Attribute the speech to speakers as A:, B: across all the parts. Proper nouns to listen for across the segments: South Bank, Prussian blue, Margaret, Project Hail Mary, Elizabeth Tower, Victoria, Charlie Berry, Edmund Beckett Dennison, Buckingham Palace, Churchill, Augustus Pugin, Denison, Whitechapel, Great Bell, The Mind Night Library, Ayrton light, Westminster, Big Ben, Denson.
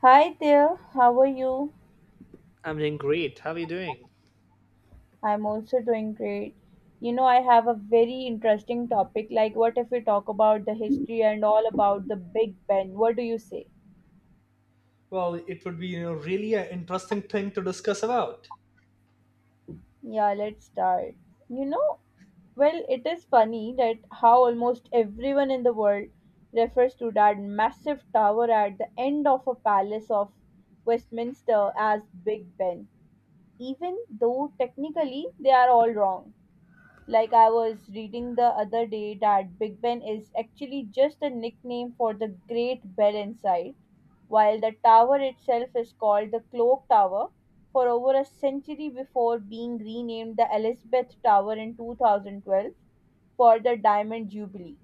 A: Hi there, how are you?
B: I'm doing great. How are you doing?
A: I'm also doing great. You know, I have a very interesting topic. Like, what if we talk about the history and all about the Big Ben? What do you say?
B: Well, it would be really an interesting thing to discuss about.
A: Yeah, let's start. You know, well, it is funny that how almost everyone in the world refers to that massive tower at the end of a palace of Westminster as Big Ben, even though technically they are all wrong. Like I was reading the other day that Big Ben is actually just a nickname for the Great Bell inside, while the tower itself is called the Clock Tower for over a century before being renamed the Elizabeth Tower in 2012 for the Diamond Jubilee.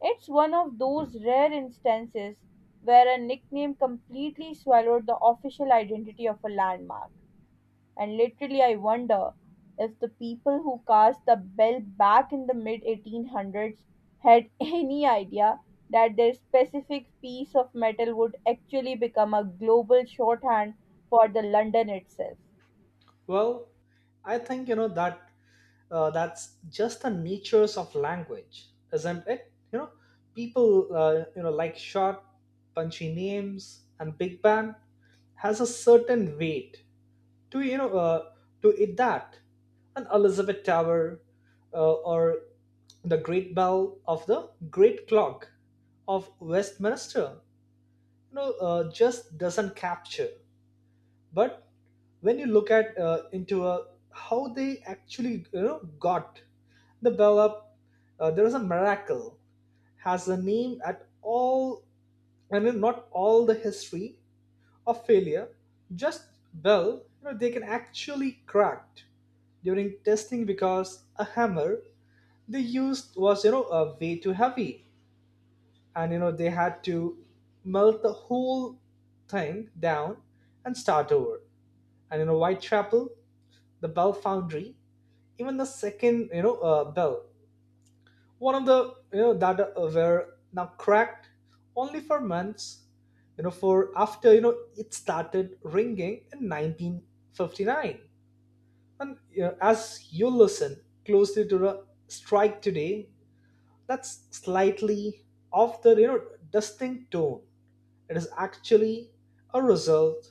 A: It's one of those rare instances where a nickname completely swallowed the official identity of a landmark. And literally, I wonder if the people who cast the bell back in the mid 1800s had any idea that their specific piece of metal would actually become a global shorthand for the London itself.
B: Well, I think that that's just the natures of language, isn't it? People like short, punchy names, and big bang has a certain weight to you know to it that an Elizabeth Tower or the Great Bell of the Great Clock of Westminster just doesn't capture. But when you look at into how they actually got the bell up. There is a miracle has a name at all. I mean, not all the history of failure just bell they can actually cracked during testing because a hammer they used was a way too heavy. And they had to melt the whole thing down and start over. And whitechapel the bell foundry even the second bell one of the that were now cracked only for months for after it started ringing in 1959. And as you listen closely to the strike today, that's slightly off the distinct tone. It is actually a result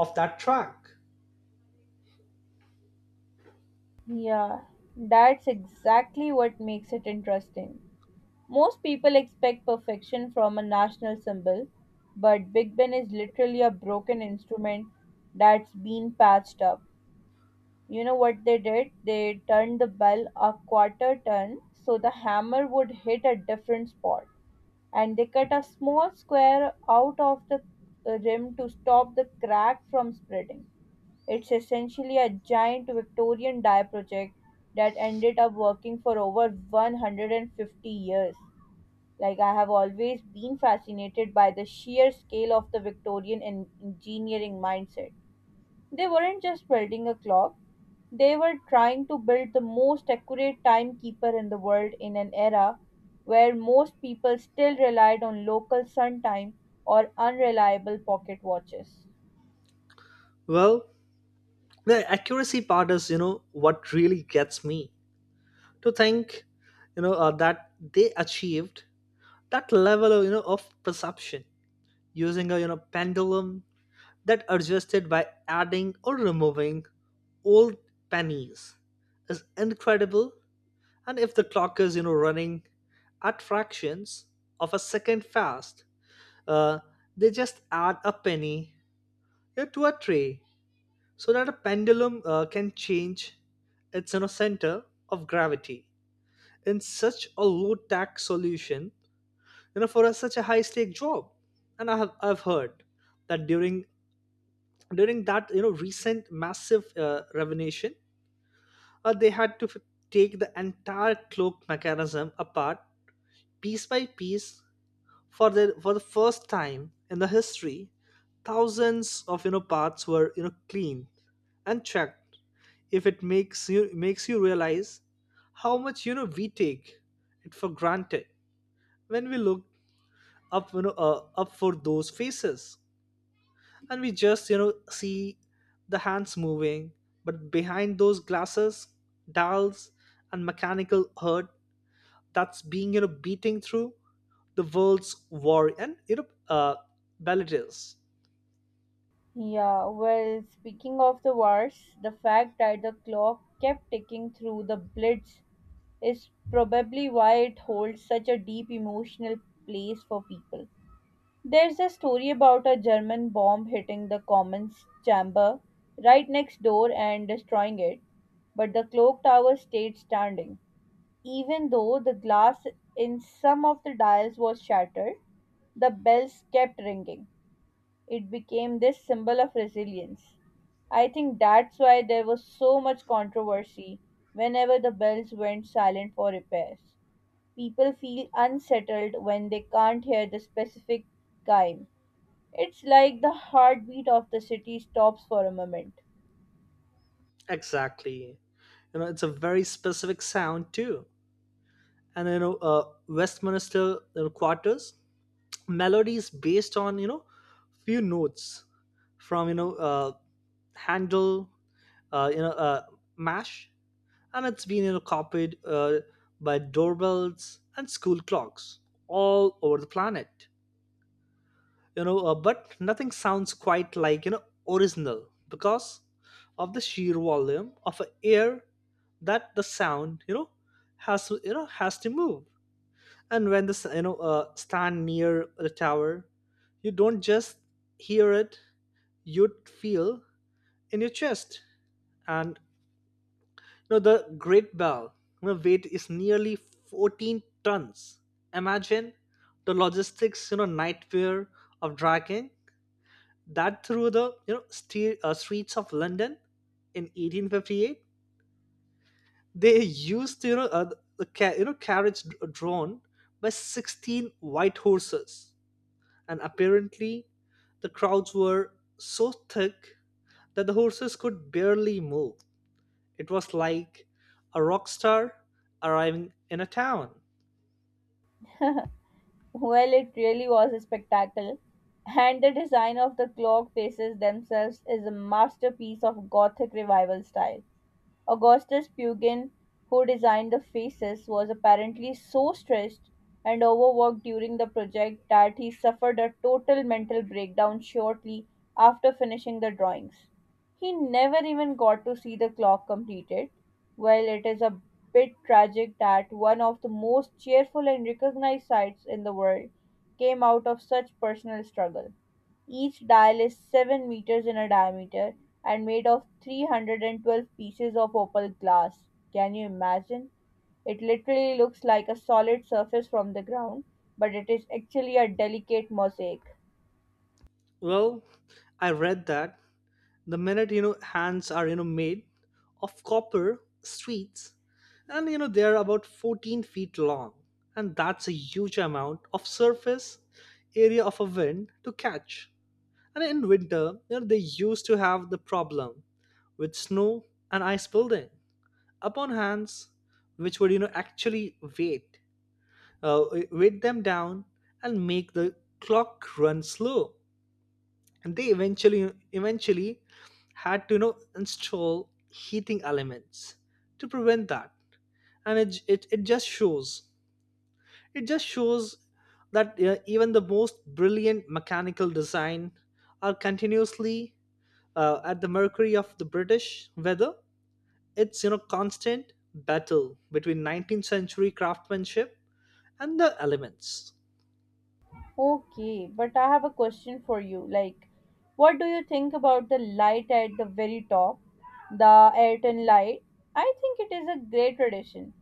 B: of that track.
A: Yeah, that's exactly what makes it interesting. Most people expect perfection from a national symbol, but Big Ben is literally a broken instrument that's been patched up. You know what they did? They turned the bell a quarter turn so the hammer would hit a different spot. And they cut a small square out of the rim to stop the crack from spreading. It's essentially a giant Victorian dye project that ended up working for over 150 years. Like, I have always been fascinated by the sheer scale of the Victorian engineering mindset. They weren't just building a clock, they were trying to build the most accurate timekeeper in the world in an era where most people still relied on local sun time or unreliable pocket watches.
B: Well, the accuracy part is, what really gets me to think, that they achieved that level of perception using a, pendulum that adjusted by adding or removing old pennies, is incredible. And if the clock is, running at fractions of a second fast, uh, they just add a penny, yeah, to a tray so that a pendulum can change its center of gravity, in such a low tax solution for a, such a high stake job. And I've heard that during that recent massive revelation they had to take the entire cloak mechanism apart piece by piece for the first time in the history. Thousands of parts were cleaned and checked. If it makes you realize how much we take it for granted when we look up you know up for those faces and we just see the hands moving. But behind those glasses, dials and mechanical hurt, that's being beating through the world's war and uh ballages.
A: Yeah, well, speaking of the wars, the fact that the clock kept ticking through the blitz is probably why it holds such a deep emotional place for people. There's a story about a German bomb hitting the Commons chamber right next door and destroying it, but the clock tower stayed standing. Even though the glass in some of the dials was shattered, the bells kept ringing. It became this symbol of resilience. I think that's why there was so much controversy whenever the bells went silent for repairs. People feel unsettled when they can't hear the specific chime. It's like the heartbeat of the city stops for a moment.
B: Exactly, it's a very specific sound too. And Westminster quarters melodies based on few notes from handle uh, you know uh, mash. And it's been copied by doorbells and school clocks all over the planet. But nothing sounds quite like original because of the sheer volume of a air that the sound has to move. And when the stand near the tower, you don't just hear it, you feel in your chest. And the great bell weight is nearly 14 tons. Imagine the logistics nightmare of dragging that through the streets of London in 1858. They used the carriage drawn by 16 white horses. And apparently the crowds were so thick that the horses could barely move. It was like a rock star arriving in a town.
A: Well, it really was a spectacle, and the design of the clock faces themselves is a masterpiece of Gothic revival style. Augustus Pugin, who designed the faces, was apparently so stressed and overworked during the project that he suffered a total mental breakdown shortly after finishing the drawings. He never even got to see the clock completed. While it is a bit tragic that one of the most cheerful and recognized sights in the world came out of such personal struggle. Each dial is 7 meters in a diameter and made of 312 pieces of opal glass. Can you imagine? It literally looks like a solid surface from the ground, but it is actually a delicate mosaic.
B: Well, I read that the minute hands are made of copper streets and they are about 14 feet long, and that's a huge amount of surface area of a wind to catch. And in winter, they used to have the problem with snow and ice building upon hands, which would actually weight, uh, weight them down and make the clock run slow. And they eventually had to install heating elements to prevent that. And it just shows it just shows that even the most brilliant mechanical design are continuously at the mercury of the British weather. It's constant battle between 19th century craftsmanship and the elements.
A: Okay, but I have a question for you. Like, what do you think about the light at the very top, the Ayrton light? I think it is a great tradition.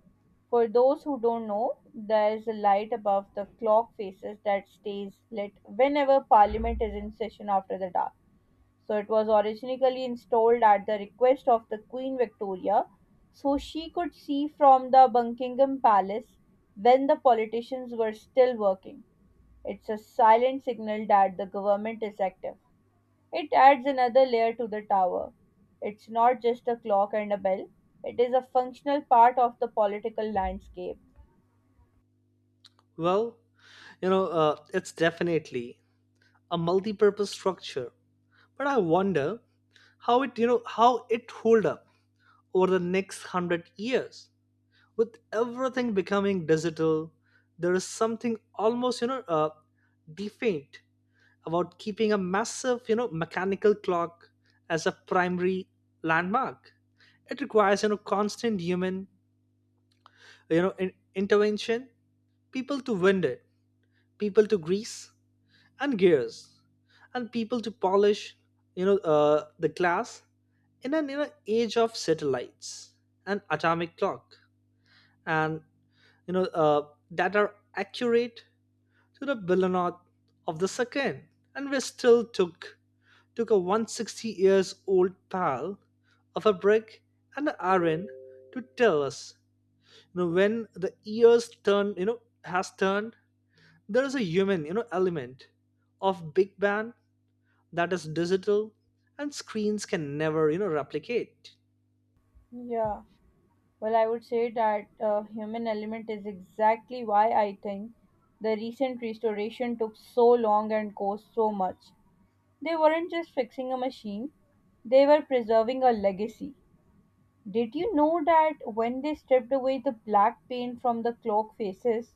A: For those who don't know, there is a light above the clock faces that stays lit whenever Parliament is in session after the dark. So it was originally installed at the request of the Queen Victoria, so she could see from the Buckingham Palace when the politicians were still working. It's a silent signal that the government is active. It adds another layer to the tower. It's not just a clock and a bell, it is a functional part of the political landscape.
B: Well, it's definitely a multi-purpose structure, but I wonder how it hold up over the next hundred years with everything becoming digital. There is something almost defiant about keeping a massive, mechanical clock as a primary landmark. It requires, constant human, intervention, people to wind it, people to grease and gears, and people to polish, the glass in an age of satellites and atomic clock, and that are accurate to the billionth of the second. And we still took a 160 years old pal of a brick and an iron to tell us when the years turn has turned. There is a human element of big band that is digital and screens can never replicate.
A: Yeah, well, I would say that human element is exactly why I think the recent restoration took so long and cost so much. They weren't just fixing a machine, they were preserving a legacy. Did you know that when they stripped away the black paint from the clock faces,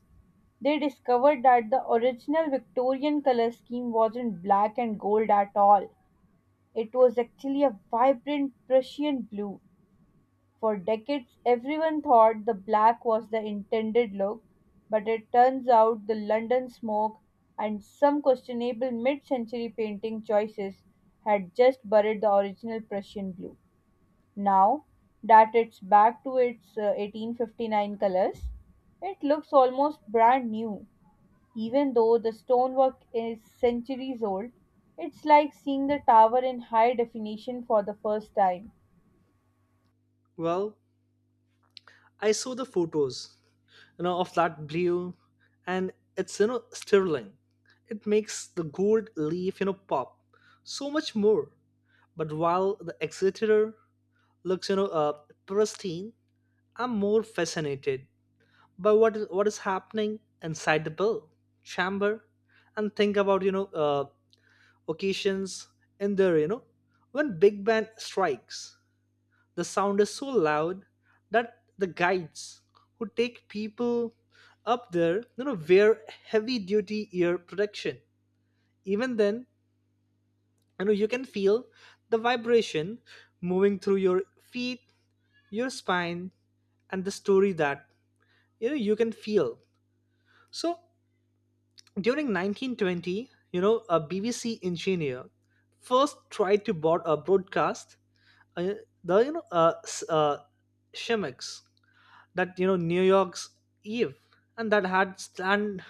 A: they discovered that the original Victorian colour scheme wasn't black and gold at all. It was actually a vibrant Prussian blue. For decades, everyone thought the black was the intended look, but it turns out the London smoke and some questionable mid century painting choices had just buried the original Prussian blue. Now that it's back to its 1859 colors, it looks almost brand new. Even though the stonework is centuries old, it's like seeing the tower in high definition for the first time.
B: Well, I saw the photos of that blue and it's sterling. It makes the gold leaf pop so much more. But while the exeter looks pristine, I'm more fascinated by what is happening inside the bill chamber. And think about occasions in there when big band strikes. The sound is so loud that the guides who take people up there wear heavy duty ear protection. Even then, you can feel the vibration moving through your feet, your spine, and the story that you can feel. So during 1920, a BBC engineer first tried to board a broadcast, uh, the shimmicks that New York's Eve, and that had stand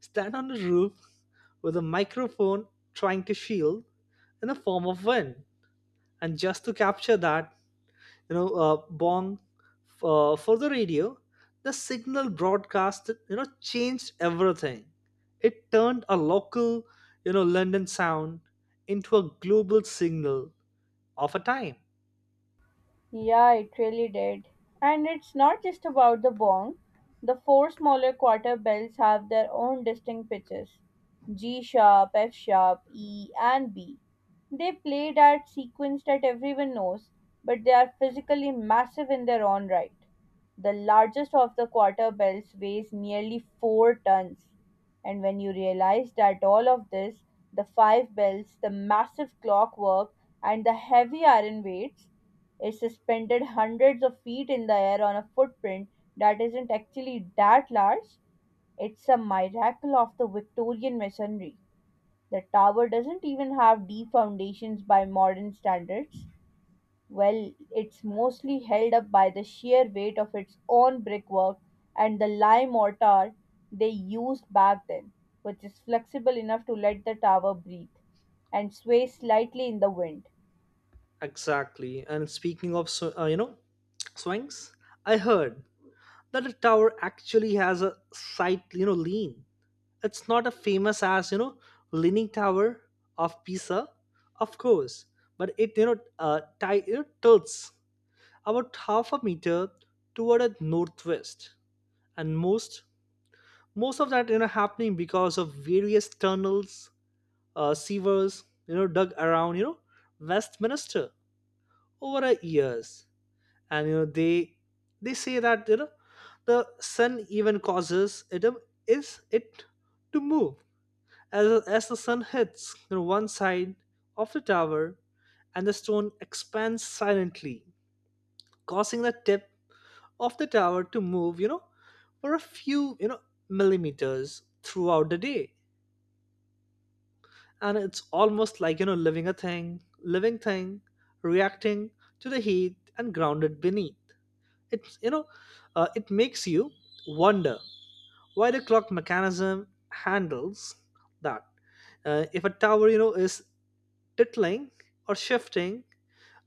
B: stand on the roof with a microphone trying to shield in the form of wind and just to capture that bong for the radio. The signal broadcast changed everything. It turned a local London sound into a global signal of a time.
A: Yeah, it really did. And it's not just about the bong. The four smaller quarter bells have their own distinct pitches: G sharp, F sharp, E, and B. They played at sequence that everyone knows, but they are physically massive in their own right. The largest of the quarter bells weighs nearly 4 tons. And when you realize that all of this, the five bells, the massive clockwork, and the heavy iron weights, is suspended hundreds of feet in the air on a footprint that isn't actually that large. It's a miracle of the Victorian masonry. The tower doesn't even have deep foundations by modern standards. Well, it's mostly held up by the sheer weight of its own brickwork and the lime mortar they used back then, which is flexible enough to let the tower breathe and sway slightly in the wind.
B: Exactly, and speaking of swings, I heard that the tower actually has a slight lean. It's not as famous as leaning tower of Pisa, of course, but it tilts about half a meter toward a northwest. And most of that happening because of various tunnels, sewers dug around Westminster over a years. And they say that the sun even causes it, is it to move as the sun hits one side of the tower and the stone expands silently, causing the tip of the tower to move, for a few, millimeters throughout the day. And it's almost like, living thing, reacting to the heat and grounded beneath. It's, it makes you wonder why the clock mechanism handles that. If a tower, is tittling or shifting,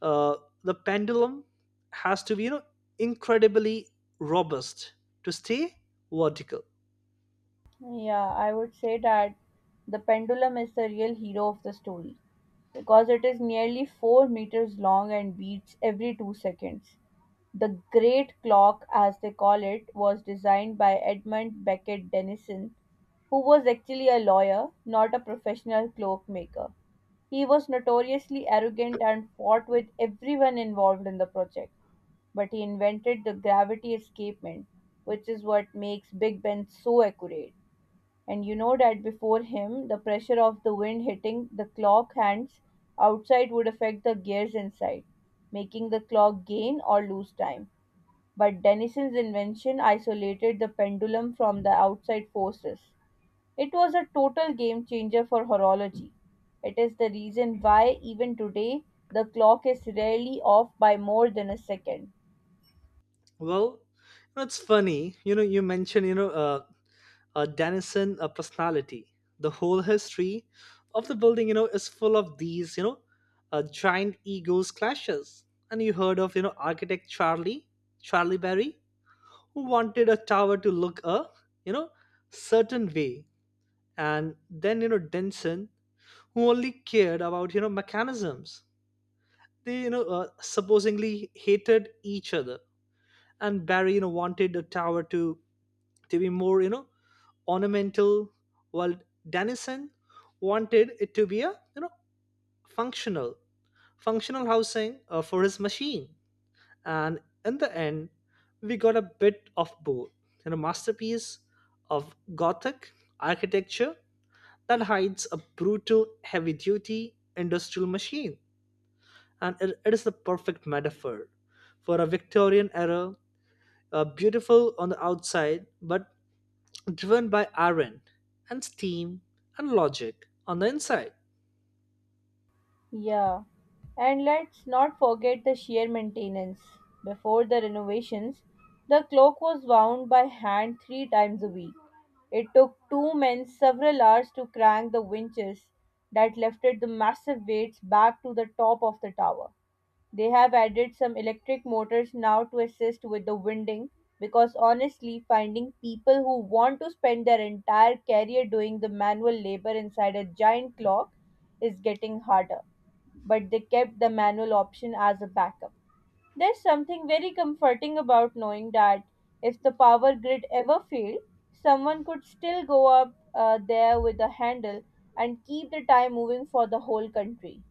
B: uh, the pendulum has to be, incredibly robust to stay vertical.
A: Yeah, I would say that the pendulum is the real hero of the story because it is nearly 4 meters long and beats every 2 seconds. The Great Clock, as they call it, was designed by Edmund Beckett Dennison, who was actually a lawyer, not a professional cloak maker. He was notoriously arrogant and fought with everyone involved in the project, but he invented the gravity escapement, which is what makes Big Ben so accurate. And you know that before him, the pressure of the wind hitting the clock hands outside would affect the gears inside, making the clock gain or lose time. But Denison's invention isolated the pendulum from the outside forces. It was a total game changer for horology. It is the reason why, even today, the clock is rarely off by more than a second.
B: Well, it's funny, you mentioned, Denison personality. The whole history of the building, is full of these, giant egos clashes. And you heard of, architect Charlie Berry, who wanted a tower to look a, you know, certain way. And then, Denson, who only cared about, mechanisms. They, supposedly hated each other. And Barry, wanted a tower to be more ornamental while Dennison wanted it to be a functional functional housing for his machine. And in the end, we got a bit of both, and a masterpiece of Gothic architecture that hides a brutal heavy duty industrial machine. And it is the perfect metaphor for a Victorian era, beautiful on the outside but driven by iron and steam and logic on the inside.
A: Yeah, and let's not forget the sheer maintenance. Before the renovations, the clock was wound by hand three times a week. It took two men several hours to crank the winches that lifted the massive weights back to the top of the tower. They have added some electric motors now to assist with the winding because honestly, finding people who want to spend their entire career doing the manual labor inside a giant clock is getting harder, but they kept the manual option as a backup. There's something very comforting about knowing that if the power grid ever failed, someone could still go up there with a handle and keep the time moving for the whole country.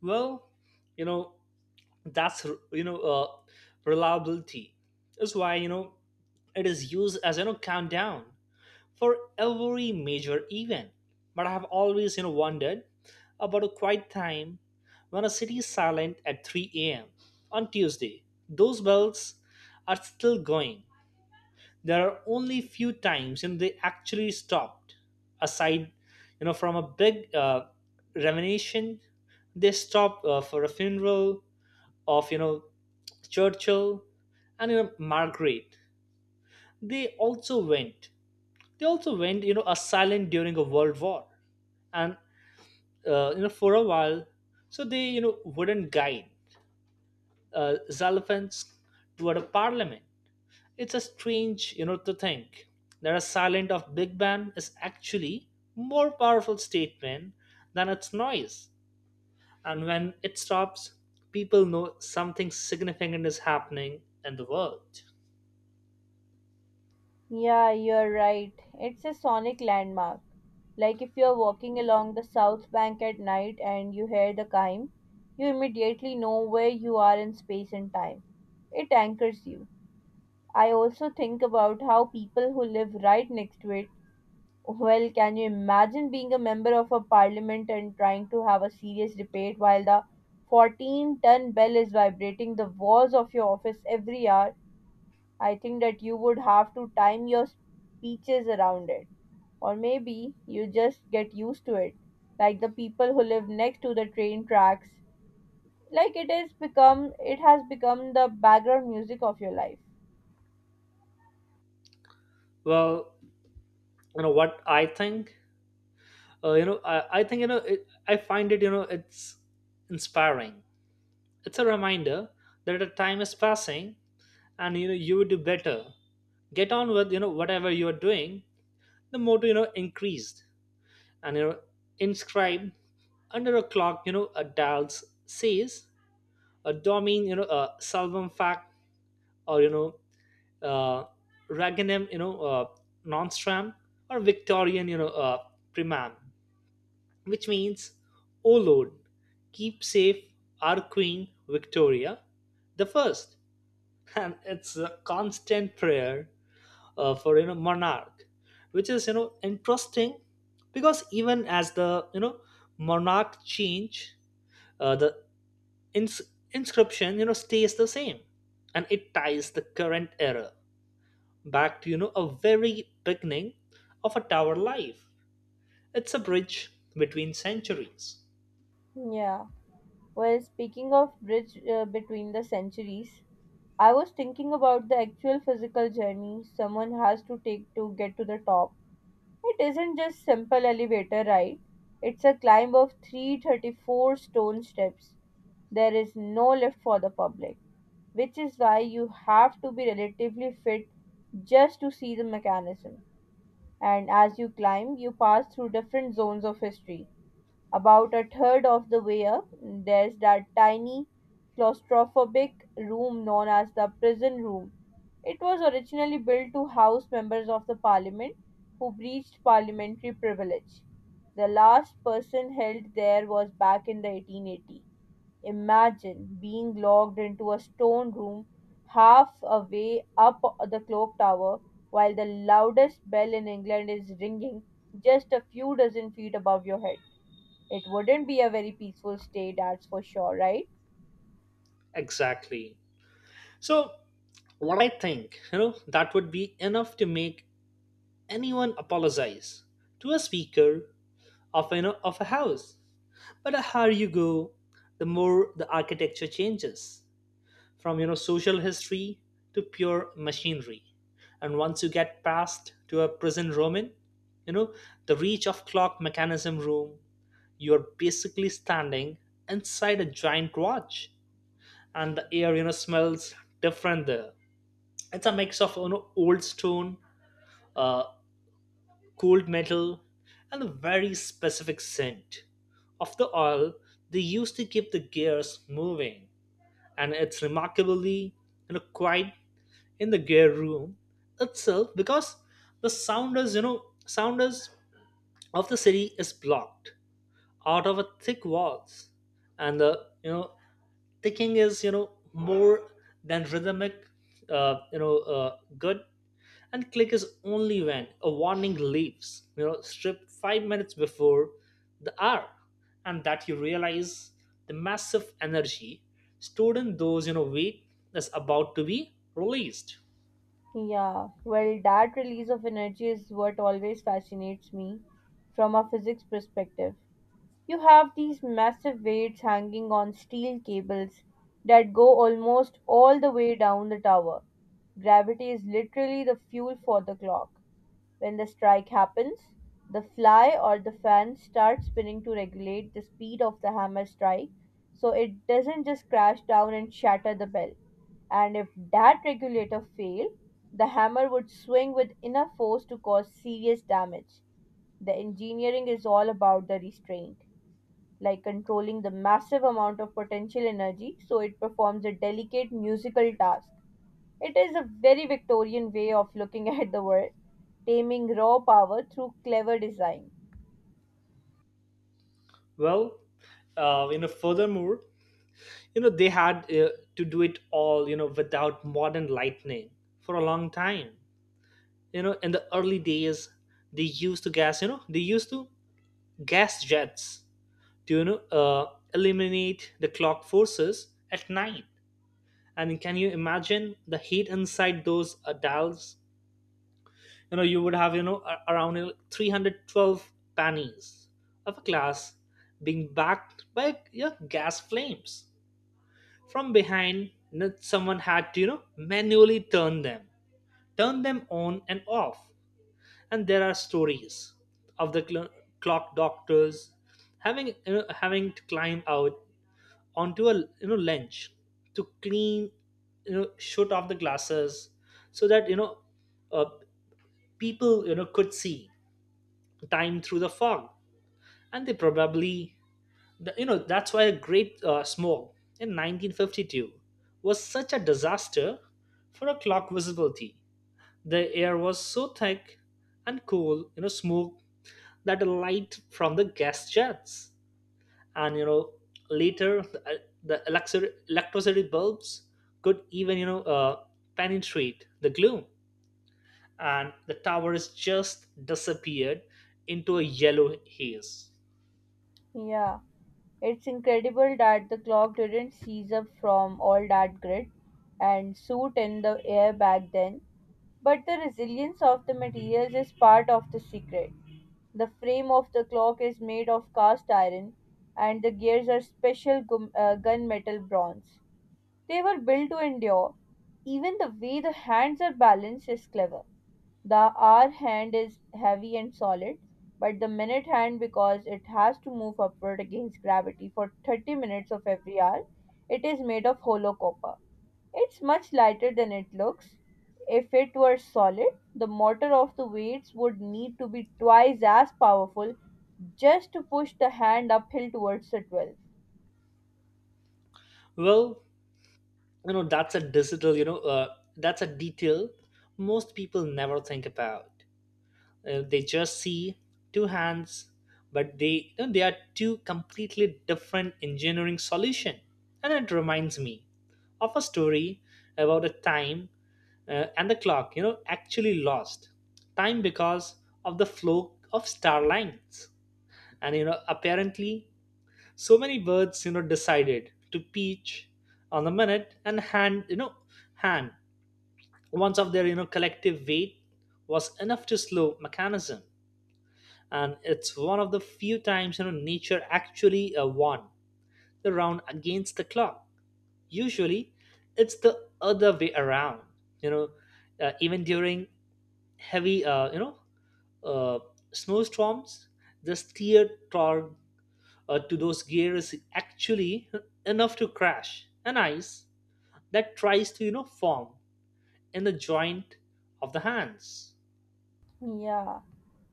B: Well, you know, that's, you know, uh, reliability is why, it is used as, countdown for every major event. But I have always, wondered about a quiet time when a city is silent at 3 a.m. on Tuesday. Those bells are still going. There are only few times and they actually stopped aside from a big revelation. They stopped for a funeral of Churchill and Margaret. They also went they also went a silent during a world war and for a while, so they wouldn't guide Xenophon's toward a parliament. It's a strange, you know, to think that a silent of Big Bang is actually more powerful statement than its noise. And when it stops, people know something significant is happening in the world.
A: Yeah, you're right. It's a sonic landmark. Like if you're walking along the South Bank at night and you hear the chime, you immediately know where you are in space and time. It anchors you. I also think about how people who live right next to it, well, can you imagine being a member of a parliament and trying to have a serious debate while the 14-ton bell is vibrating the walls of your office every hour? I think that you would have to time your speeches around it. Or maybe you just get used to it, like the people who live next to the train tracks. Like it has become the background music of your life.
B: Well, you know what I think. I think you know. It, I find it. You know, it's inspiring. It's a reminder that the time is passing, and you know you would do better. Get on with you know whatever you are doing. The motto you know increased and you know, inscribed under a clock, you know, a dal's says, a domin, you know, a salvum fact, or uh, raganum, nonstram, or Victorian, primam, which means, O Lord, keep safe our Queen Victoria the first, and it's a constant prayer for you know monarch, which is you know interesting because even as the you know monarch change, the ins- inscription you know stays the same, and it ties the current era back to you know a very beginning of a tower life. It's a bridge between centuries.
A: Yeah. Well, speaking of bridge between the centuries, I was thinking about the actual physical journey someone has to take to get to the top. It isn't just simple elevator ride. It's a climb of 334 stone steps. There is no lift for the public, which is why you have to be relatively fit just to see the mechanism. And as you climb, you pass through different zones of history. About a third of the way up, there's that tiny, claustrophobic room known as the prison room. It was originally built to house members of the parliament who breached parliamentary privilege. The last person held there was back in the 1880. Imagine being locked into a stone room half away up the clock tower while the loudest bell in England is ringing just a few dozen feet above your head. It wouldn't be a very peaceful stay, that's for sure, right?
B: Exactly. So what I think you know that would be enough to make anyone apologize to a speaker of you know of a house. But the higher you go, the more the architecture changes from you know social history to pure machinery. And once you get past to a present Roman, you know, the reach of clock mechanism room, you're basically standing inside a giant watch. And the air, you know, smells different there. It's a mix of you know old stone, uh, cold metal, and a very specific scent of the oil they used to keep the gears moving. And it's remarkably you know, quiet in the gear room itself because the sounders of the city is blocked out of a thick walls. And the you know ticking is you know more than rhythmic, good and click is only when a warning leaves you know stripped 5 minutes before the hour, and that you realize the massive energy stored in those you know weight that's about to be released.
A: Yeah, well, that release of energy is what always fascinates me from a physics perspective. You have these massive weights hanging on steel cables that go almost all the way down the tower. Gravity is literally the fuel for the clock. When the strike happens, the fly or the fan starts spinning to regulate the speed of the hammer strike so it doesn't just crash down and shatter the bell. And if that regulator failed, the hammer would swing with enough force to cause serious damage. The engineering is all about the restraint, like controlling the massive amount of potential energy so it performs a delicate musical task. It is a very Victorian way of looking at the world, taming raw power through clever design.
B: Well, furthermore you know they had to do it all you know without modern lightning for a long time. You know in the early days they used to gas you know they used to gas jets to eliminate the clock forces at night. And can you imagine the heat inside those dolls? You know, you would have you know around you know, 312 pannies of a class being backed by yeah, gas flames from behind. Someone had to you know manually turn them on and off. And there are stories of the clock doctors having to climb out onto a you know lens to clean you know shoot off the glasses so that you know uh, people you know could see time through the fog. And they probably you know that's why a great smoke in 1952 was such a disaster for a clock visibility. The air was so thick and cool you know smoke that the light from the gas jets and you know later the electricity bulbs could even penetrate the gloom, and the tower has just disappeared into a yellow haze.
A: Yeah, it's incredible that the clock didn't seize up from all that grit and soot in the air back then. But the resilience of the materials is part of the secret. The frame of the clock is made of cast iron, and the gears are special gunmetal bronze. They were built to endure. Even the way the hands are balanced is clever. The hour hand is heavy and solid, but the minute hand, because it has to move upward against gravity for 30 minutes of every hour, it is made of hollow copper. It's much lighter than it looks. If it were solid, the motor of the weights would need to be twice as powerful just to push the hand uphill towards the 12.
B: Well, that's a digital you know that's a detail most people never think about. They just see two hands, but they you know, they are two completely different engineering solution. And it reminds me of a story about a time and the clock you know actually lost time because of the flow of star lines. And you know apparently so many birds you know decided to peach on the minute and hand. Once of their you know collective weight was enough to slow mechanism, and it's one of the few times you know nature actually won the round against the clock. Usually it's the other way around, you know. Even during heavy uh, snowstorms, the steer torque to those gears is actually enough to crash an ice that tries to you know form in the joint of the hands.
A: Yeah,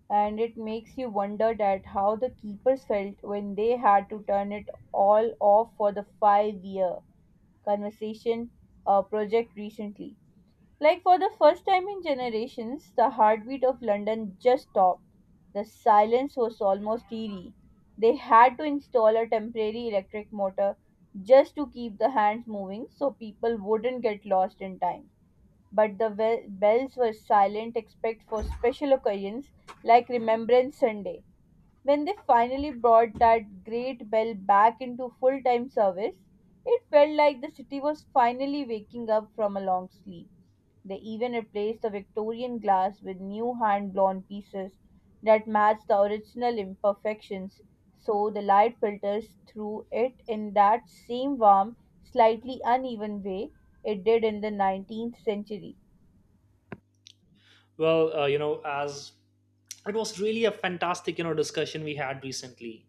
A: and it makes you wonder that how the keepers felt when they had to turn it all off for the five-year conversation project recently. Like for the first time in generations, the heartbeat of London just stopped. The silence was almost eerie. They had to install a temporary electric motor just to keep the hands moving so people wouldn't get lost in time. But the bells were silent except for special occasions like Remembrance Sunday. When they finally brought that great bell back into full time service, it felt like the city was finally waking up from a long sleep. They even replaced the Victorian glass with new hand blown pieces that matched the original imperfections, so the light filters through it in that same warm, slightly uneven way it did in the 19th century.
B: Well you know as it was really a fantastic you know discussion we had recently,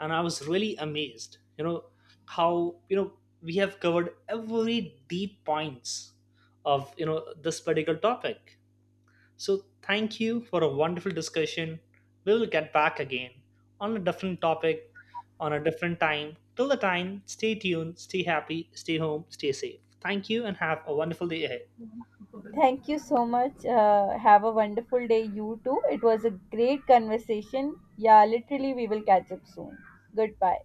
B: and I was really amazed you know how you know we have covered every deep points of you know this particular topic. So thank you for a wonderful discussion. We will get back again on a different topic on a different time. Till the time, stay tuned, stay happy, stay home, stay safe. Thank you and have a wonderful day ahead.
A: Thank you so much. Have a wonderful day, you too. It was a great conversation. Yeah, literally, we will catch up soon. Goodbye.